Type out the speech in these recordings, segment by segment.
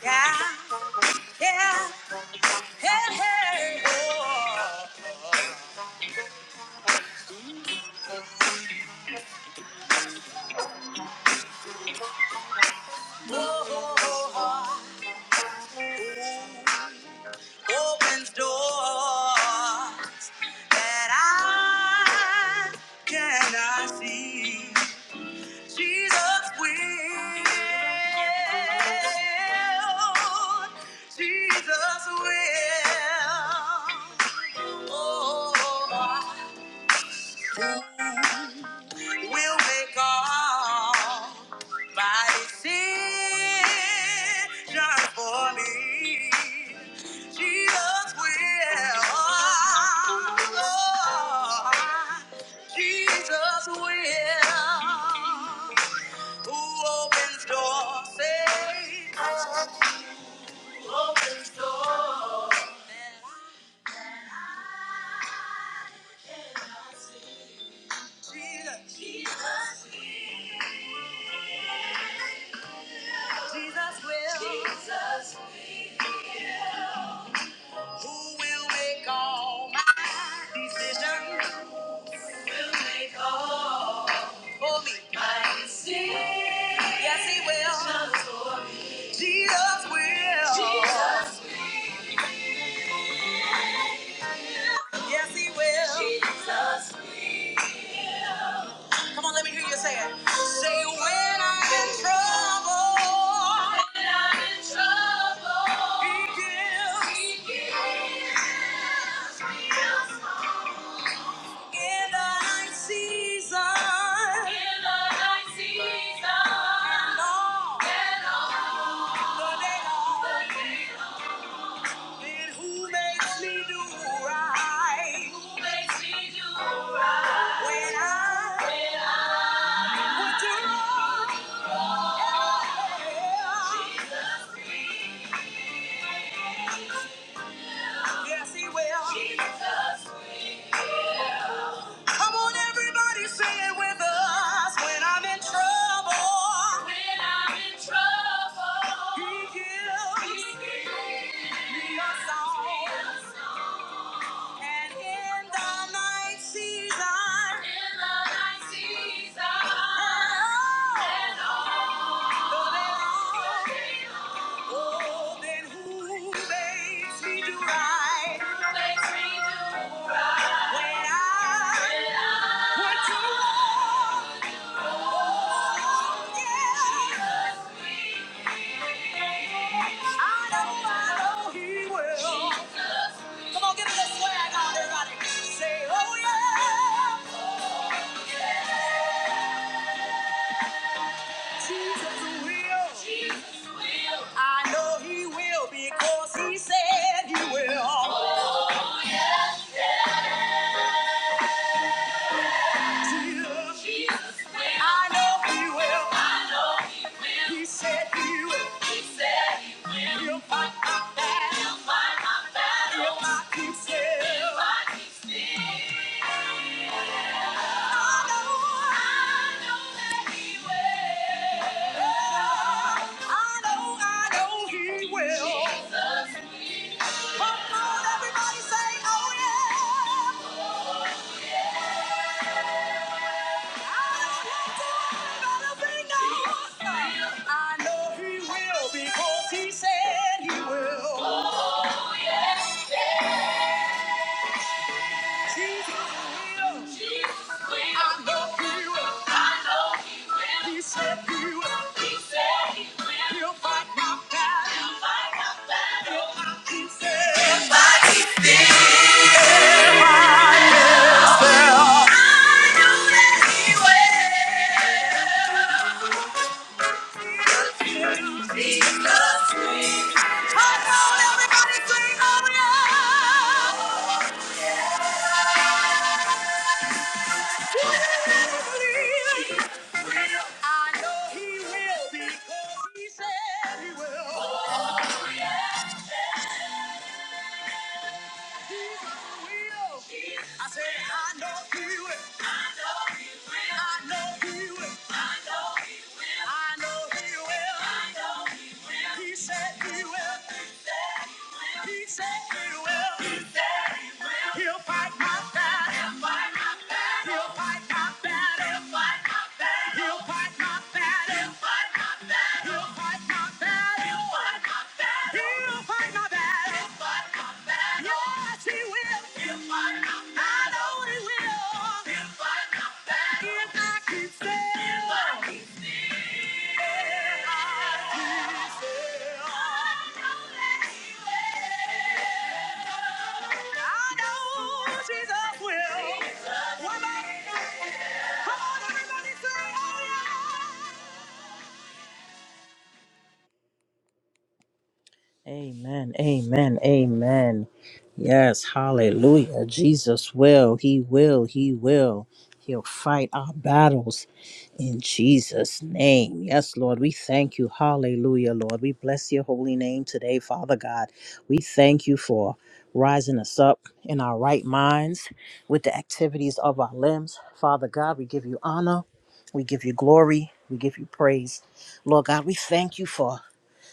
Yeah, yeah, hey, hey, oh, oh, oh, oh, oh. opens door that I cannot see. Jesus will, Jesus will. Oh, oh, oh. oh. will make all my decisions for me. Jesus will. Oh, Jesus will. Who opens doors, saves. Jesus, Jesus will. Jesus. Who will make all my decisions for me? Yes, He will. Jesus will. Jesus. Yes, he will. Jesus. will. Come on, let me hear you say it. Say when I'm in trouble. When I'm in trouble. He gives. He gives me hope. In the night season. In the night season. And all. And all. The day long. who makes me do right? Who makes me do right? When I, when I would do wrong. Yeah. Yes, he will. Jesus Come on, everybody, say it with us. When I'm in trouble. He gives. Me a song. And in the night season. In the night season. And all. And all. Oh, then who makes me do right? makes me do right? When I, when to war, yeah, I know, I know he will. Come on, give me a swag out, everybody. Say, oh yeah. Jesus will. Jesus will. I know he will because he said he will. Jesus. I know he will. I know he will. He said he will. He said he will. He'll fight my battle. He'll fight my battle. If I keep still. If I keep still. I know. I know that he will. Oh, I know, I know he will. Jesus. will. I know he will because he said he will. Jesus will. I know he will. He said he will. He'll fight my battle. He'll fight my battle. He said. I said, I know he will. I know he will. I know he will. I know he will. I know he will. He said he will. He said he will. He said he will. He'll fight my battle. He'll fight my battle. He'll fight my battle. He'll fight my battle. He'll fight my battle. He'll fight my battle. He'll fight my battle. He'll fight my battle. He'll fight my battle. Yes, he will. He'll fight my battle. I know he will. He'll fight my battle. If I keep still. If I keep still will. Jesus will. Come on, everybody, say, oh yeah! Amen. Amen. Amen. Yes. Hallelujah. Jesus will. He will. He will. He'll fight our battles in Jesus' name. Yes, Lord. We thank you. Hallelujah, Lord. We bless your holy name today, Father God. We thank you for rising us up in our right minds with the activities of our limbs. Father God, we give you honor. We give you glory. We give you praise. Lord God, we thank you for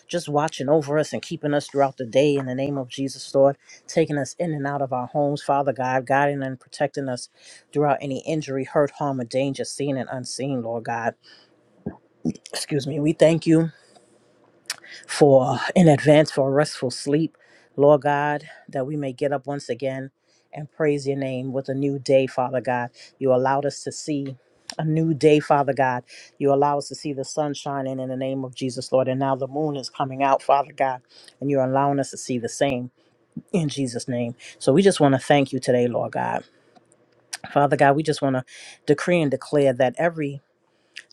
just watching over us and keeping us throughout the day in the name of Jesus, Lord, taking us in and out of our homes, Father God, guiding and protecting us throughout any injury, hurt, harm, or danger, seen and unseen, Lord God. Excuse me. We thank you for in advance for a restful sleep, Lord God, that we may get up once again and praise your name with a new day, Father God. You allowed us to see a new day, Father God. You allow us to see the sun shining in the name of Jesus, Lord. And now the moon is coming out, Father God, and you're allowing us to see the same in Jesus' name. So we just want to thank you today, Lord God. Father God, we just want to decree and declare that every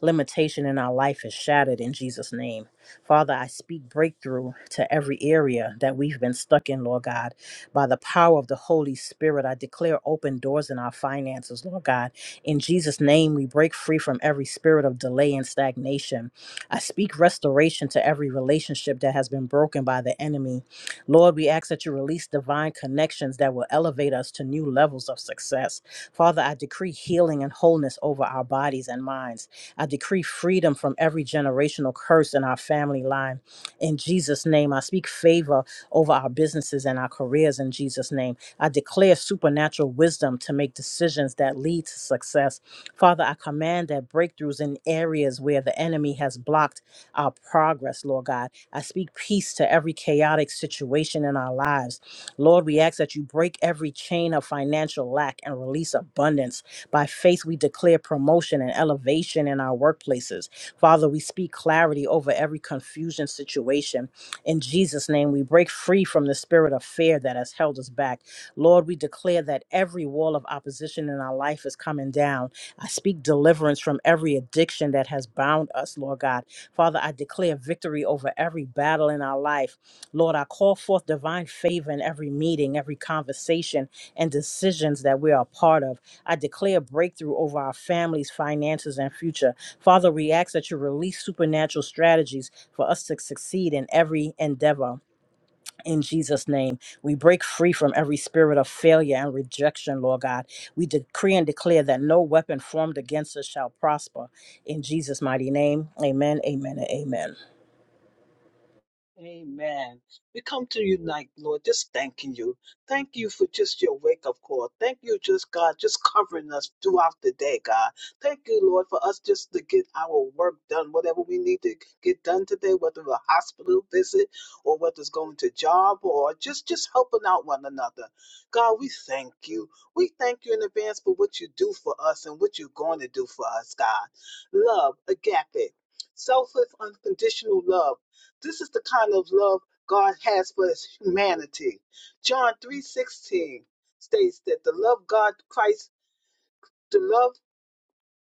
limitation in our life is shattered in Jesus' name. Father, I speak breakthrough to every area that we've been stuck in, Lord God. By the power of the Holy Spirit, I declare open doors in our finances, Lord God. In Jesus' name, we break free from every spirit of delay and stagnation. I speak restoration to every relationship that has been broken by the enemy. Lord, we ask that you release divine connections that will elevate us to new levels of success. Father, I decree healing and wholeness over our bodies and minds. I decree freedom from every generational curse in our family line. In Jesus' name, I speak favor over our businesses and our careers in Jesus' name. I declare supernatural wisdom to make decisions that lead to success. Father, I command that breakthroughs in areas where the enemy has blocked our progress, Lord God. I speak peace to every chaotic situation in our lives. Lord, we ask that you break every chain of financial lack and release abundance. By faith, we declare promotion and elevation in our workplaces. Father, we speak clarity over every confusion situation. In Jesus' name, we break free from the spirit of fear that has held us back. Lord, we declare that every wall of opposition in our life is coming down. I speak deliverance from every addiction that has bound us, Lord God. Father, I declare victory over every battle in our life. Lord, I call forth divine favor in every meeting, every conversation, and decisions that we are a part of. I declare breakthrough over our families, finances, and future. Father, we ask that you release supernatural strategies for us to succeed in every endeavor. In Jesus' name, we break free from every spirit of failure and rejection, Lord God. We decree and declare that no weapon formed against us shall prosper. In Jesus' mighty name, amen, amen, and amen. Amen. We come to you tonight, Lord, just thanking you. Thank you for just your wake up call. Thank you, just God, just covering us throughout the day, God. Thank you, Lord, for us just to get our work done, whatever we need to get done today, whether a hospital visit or whether it's going to job or just just helping out one another. God, we thank you. We thank you in advance for what you do for us and what you're going to do for us, God. Love, agape, selfless, unconditional love this is the kind of love God has for his humanity. John 3:16 states that the love God Christ, the love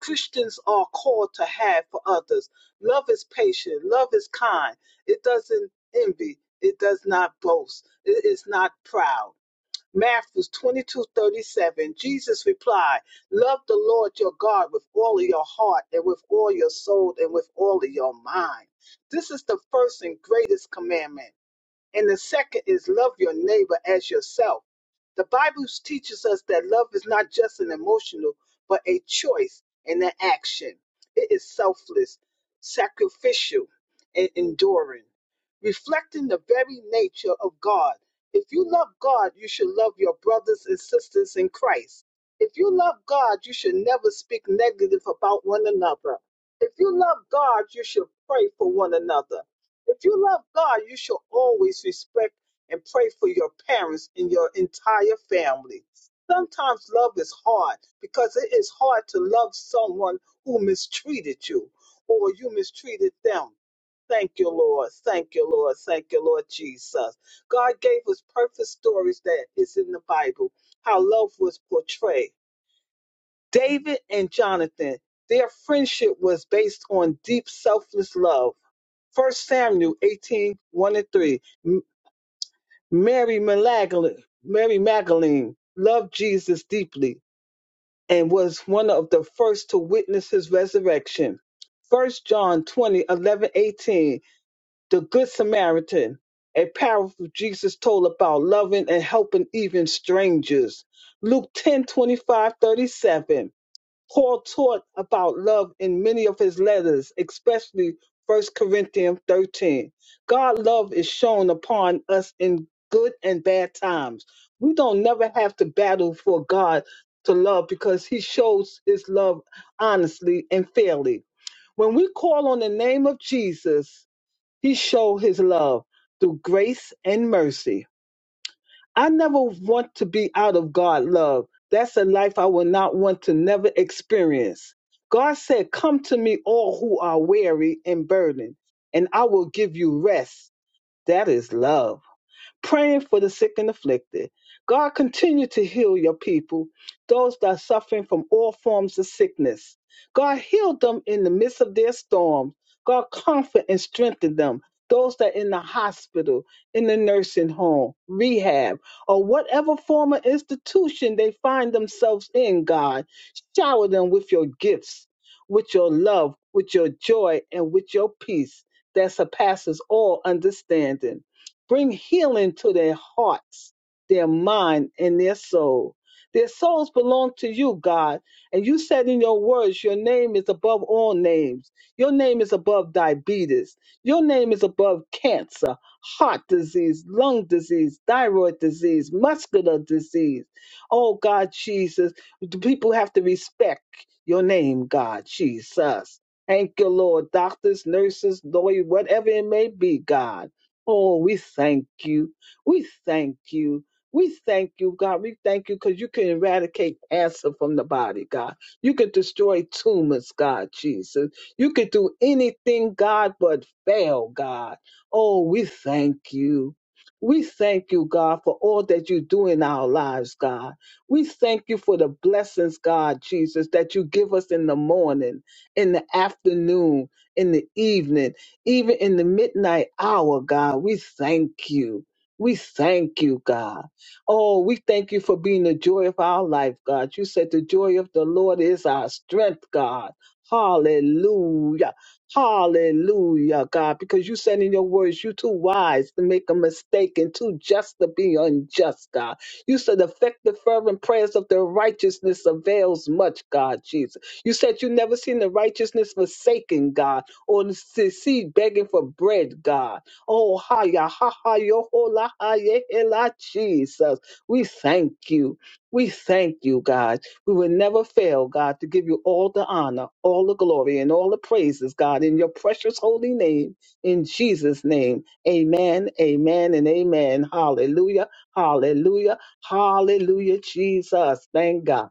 Christians are called to have for others. Love is patient, love is kind. It doesn't envy, it does not boast, it is not proud. Matthew 22:37 Jesus replied, "Love the Lord your God with all of your heart and with all your soul and with all of your mind." This is the first and greatest commandment. And the second is love your neighbor as yourself. The Bible teaches us that love is not just an emotional, but a choice and an action. It is selfless, sacrificial, and enduring, reflecting the very nature of God. If you love God, you should love your brothers and sisters in Christ. If you love God, you should never speak negative about one another. If you love God, you should pray for one another. If you love God, you should always respect and pray for your parents and your entire family. Sometimes love is hard because it is hard to love someone who mistreated you or you mistreated them. Thank you, Lord. Thank you, Lord. Thank you, Lord Jesus. God gave us perfect stories that is in the Bible, how love was portrayed. David and Jonathan, their friendship was based on deep, selfless love. First Samuel 18, one and 3. M- Mary Magdalene, Mary Magdalene loved Jesus deeply and was one of the first to witness his resurrection. First John 20, eleven, 18. The Good Samaritan, a parable Jesus told about loving and helping even strangers. Luke 10, twenty-five, 37. Paul taught about love in many of his letters, especially First Corinthians 13. God's love is shown upon us in good and bad times. We don't never have to battle for God to love because he shows his love honestly and fairly. When we call on the name of Jesus, he showed his love through grace and mercy. I never want to be out of God love. That's a life I will not want to never experience. God said, Come to me, all who are weary and burdened, and I will give you rest. That is love praying for the sick and afflicted. God, continue to heal your people, those that are suffering from all forms of sickness. God, heal them in the midst of their storms. God, comfort and strengthen them. Those that are in the hospital, in the nursing home, rehab, or whatever form of institution they find themselves in, God, shower them with your gifts, with your love, with your joy, and with your peace that surpasses all understanding. Bring healing to their hearts, their mind, and their soul. Their souls belong to you, God. And you said in your words, your name is above all names. Your name is above diabetes. Your name is above cancer, heart disease, lung disease, thyroid disease, muscular disease. Oh, God, Jesus. The people have to respect your name, God, Jesus. Thank you, Lord. Doctors, nurses, lawyers, whatever it may be, God. Oh, we thank you. We thank you. We thank you, God. We thank you because you can eradicate cancer from the body, God. You can destroy tumors, God, Jesus. You can do anything, God, but fail, God. Oh, we thank you. We thank you, God, for all that you do in our lives, God. We thank you for the blessings, God, Jesus, that you give us in the morning, in the afternoon, in the evening even in the midnight hour, God, we thank you. We thank you, God. Oh, we thank you for being the joy of our life, God. You said the joy of the Lord is our strength, God. Hallelujah. Hallelujah, God, because you said in your words, you too wise to make a mistake and too just to be unjust, God. You said effective fervent prayers of the righteousness avails much, God Jesus. You said you never seen the righteousness forsaken, God on the seed begging for bread, God. Oh, ha, ya, ha, ha, yo, ho, la, ha, ye, he, la, Jesus. We thank you. We thank you, God. We will never fail, God, to give you all the honor, all the glory, and all the praises, God, in your precious holy name, in Jesus' name. Amen, amen, and amen. Hallelujah, hallelujah, hallelujah, Jesus. Thank God,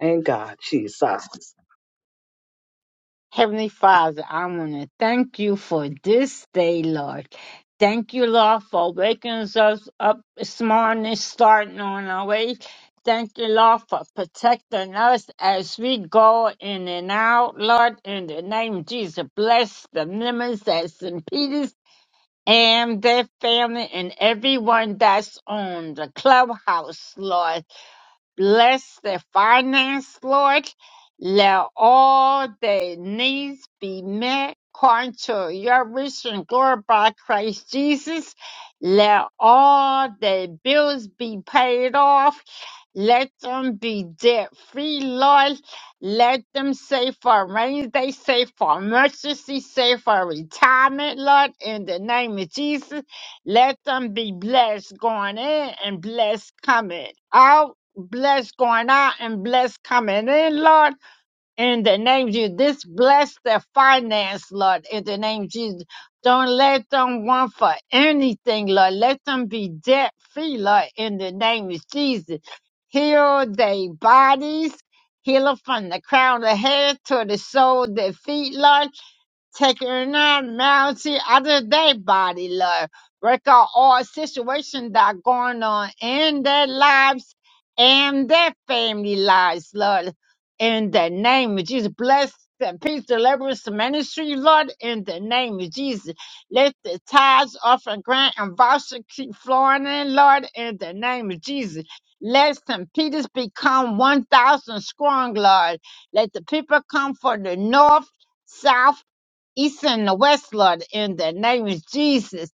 thank God, Jesus. Heavenly Father, I want to thank you for this day, Lord. Thank you, Lord, for waking us up this morning, starting on our way. Thank you, Lord, for protecting us as we go in and out, Lord. In the name of Jesus, bless the members at St. Peter's and their family and everyone that's on the clubhouse, Lord. Bless their finance, Lord. Let all their needs be met according to your rich and glory by Christ Jesus. Let all their bills be paid off. Let them be debt free, Lord. Let them save for a rainy day, save for emergency, save for retirement, Lord, in the name of Jesus. Let them be blessed going in and blessed coming out bless going out and bless coming in, Lord. In the name of Jesus, this bless their finance, Lord. In the name of Jesus, don't let them want for anything, Lord. Let them be debt free, Lord. In the name of Jesus, heal their bodies. Heal them from the crown of their head to the sole of their feet, Lord taking on mounty out of their body, Lord. Break out all situations that are going on in their lives and their family lives, Lord. In the name of Jesus, bless the peace deliverance ministry, Lord. In the name of Jesus, let the tithes, offering, grant, and voucher keep flowing in, Lord. In the name of Jesus, let St. Peter's become 1,000 strong, Lord. Let the people come from the north, south, east and the west, Lord, in the name of Jesus.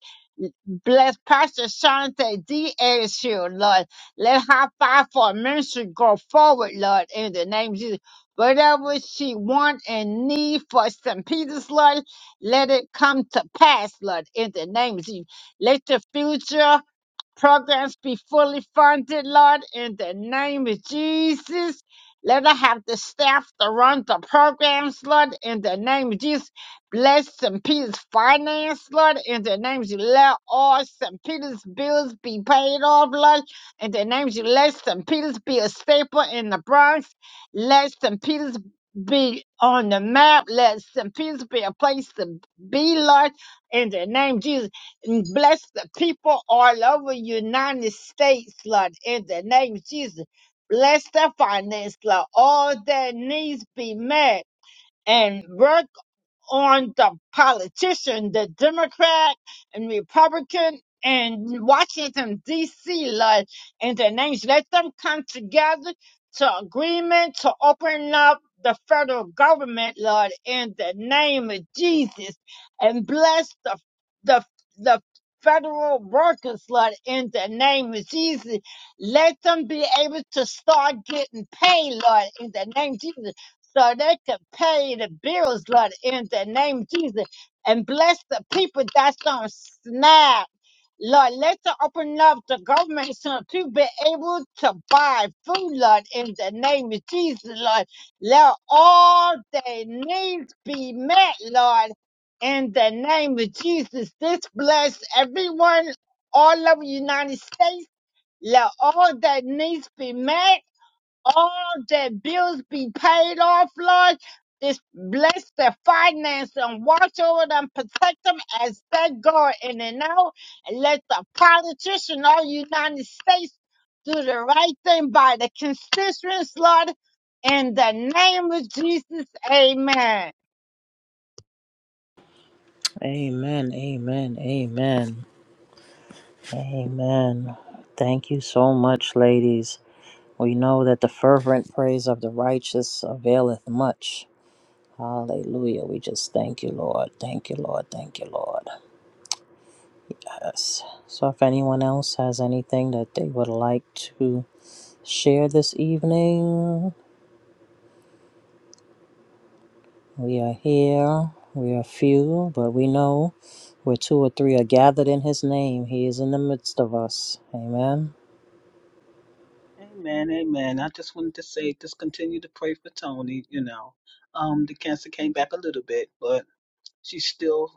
Bless Pastor Shante D. Ashiel, Lord. Let her fight for ministry go forward, Lord, in the name of Jesus. Whatever she want and need for St. Peter's, Lord, let it come to pass, Lord, in the name of Jesus. Let the future programs be fully funded, Lord, in the name of Jesus. Let her have the staff to run the programs, Lord, in the name of Jesus. Bless St. Peter's finance, Lord, in the name of Jesus. Let all St. Peter's bills be paid off, Lord, in the name of Jesus. Let St. Peter's be a staple in the Bronx. Let St. Peter's be on the map. Let St. Peter's be a place to be, Lord, in the name of Jesus and bless the people all over United States, Lord, in the name of Jesus. Bless their finance, Lord. All their needs be met. And on the politician, the Democrat and Republican in Washington D.C. Lord, in the names, let them come together to agreement to open up the federal government, Lord, in the name of Jesus, and bless the the the federal workers, Lord, in the name of Jesus. Let them be able to start getting paid, Lord, in the name of Jesus so they can pay the bills, Lord, in the name of Jesus. And bless the people that's on SNAP. Lord, let them open up the government so to be able to buy food, Lord, in the name of Jesus, Lord. Let all their needs be met, Lord, in the name of Jesus. This bless everyone all over the United States. Let all their needs be met all their bills be paid off, Lord. Just bless their finance and watch over them, protect them as they go in and out. And let the politician of the United States do the right thing by the constituents, Lord. In the name of Jesus, amen. Amen, amen, amen, amen. Thank you so much, ladies. We know that the fervent praise of the righteous availeth much. Hallelujah. We just thank you, Lord. Thank you, Lord. Thank you, Lord. Yes. So, if anyone else has anything that they would like to share this evening, we are here. We are few, but we know where two or three are gathered in his name, he is in the midst of us. Amen. Amen, amen. I just wanted to say, just continue to pray for Tony. You know, um, the cancer came back a little bit, but she's still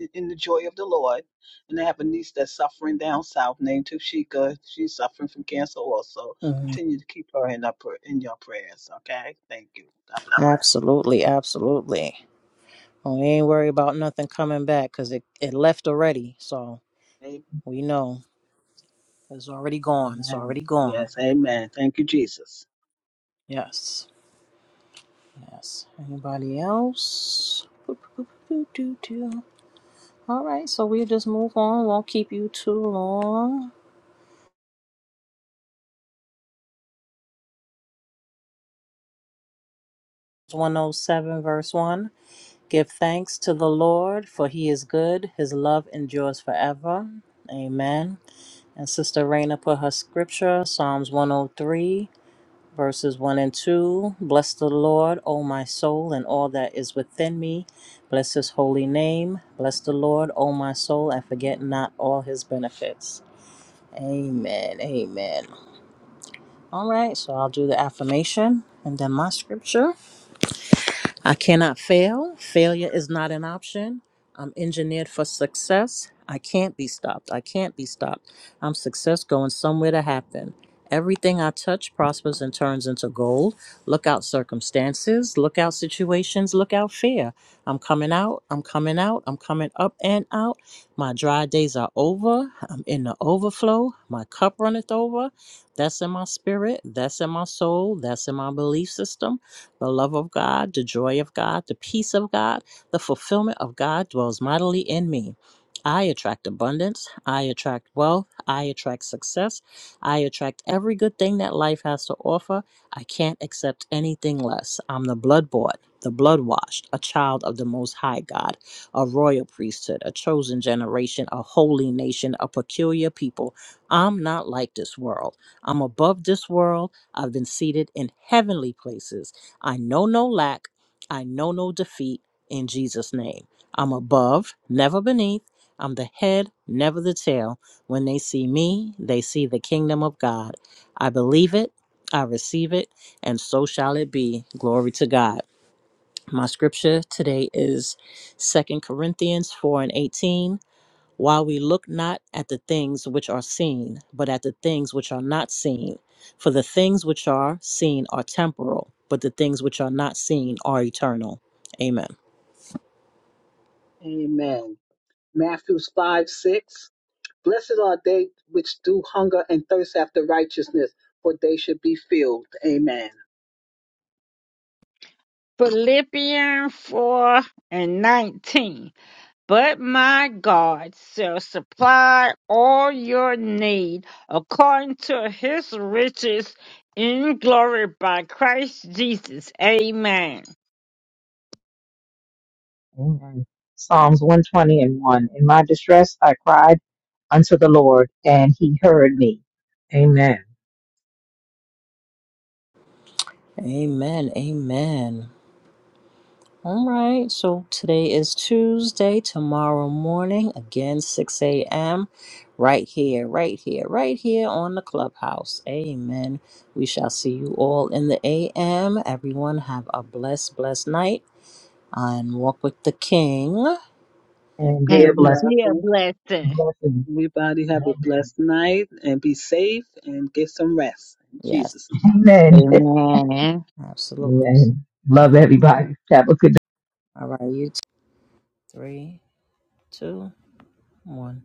i- in the joy of the Lord. And I have a niece that's suffering down south named Tushika. She's suffering from cancer also. Mhm. Continue to keep her in, our pr- in your prayers, okay? Thank you. God bless. Absolutely. Absolutely. We ain't worried about nothing coming back because it, it left already. So. We know it's already gone. It's Amen. already gone. Yes, amen. Thank you, Jesus. Yes. Yes. Anybody else? Boop, boop, boop, doo, doo, doo. All right. So we'll just move on. Won't keep you too long. 107 verse 1. Give thanks to the Lord, for he is good. His love endures forever. Amen. And Sister Raina put her scripture, Psalms 103. verses 1 and 2. Bless the Lord, O my soul, and all that is within me. Bless his holy name. Bless the Lord, O my soul, and forget not all his benefits. Amen. Amen. All right, so I'll do the affirmation and then my scripture. I cannot fail. Failure is not an option. I'm engineered for success. I can't be stopped. I can't be stopped. I'm success going somewhere to happen. Everything I touch prospers and turns into gold. Look out circumstances, look out situations, look out fear. I'm coming out, I'm coming out, I'm coming up and out. My dry days are over. I'm in the overflow. My cup runneth over. That's in my spirit, that's in my soul, that's in my belief system. The love of God, the joy of God, the peace of God, the fulfillment of God dwells mightily in me. I attract abundance. I attract wealth. I attract success. I attract every good thing that life has to offer. I can't accept anything less. I'm the blood bought, the blood washed, a child of the Most High God, a royal priesthood, a chosen generation, a holy nation, a peculiar people. I'm not like this world. I'm above this world. I've been seated in heavenly places. I know no lack. I know no defeat in Jesus' name. I'm above, never beneath. I'm the head, never the tail. When they see me, they see the kingdom of God. I believe it, I receive it, and so shall it be. Glory to God. My scripture today is Second Corinthians 4 and 18 while we look not at the things which are seen, but at the things which are not seen. For the things which are seen are temporal, but the things which are not seen are eternal. Amen. Amen. Matthew 5 6. Blessed are they which do hunger and thirst after righteousness, for they should be filled. Amen. Philippians 4 and 19. But my God shall supply all your need according to his riches in glory by Christ Jesus. Amen. Amen. Psalms 120 and 1. In my distress, I cried unto the Lord, and he heard me. Amen. Amen. Amen. All right. So today is Tuesday. Tomorrow morning, again, 6 a.m., right here, right here, right here on the clubhouse. Amen. We shall see you all in the a.m. Everyone have a blessed, blessed night. and walk with the King. And And be be a a And blessing. be a blessing. Be blessing. a blessing. Everybody have a blessed night and be safe and get some rest. In Yes, Jesus' name. Amen. Amen. absolutely. Amen. Okay. Love everybody. Have a good All right, you t- three, two, one.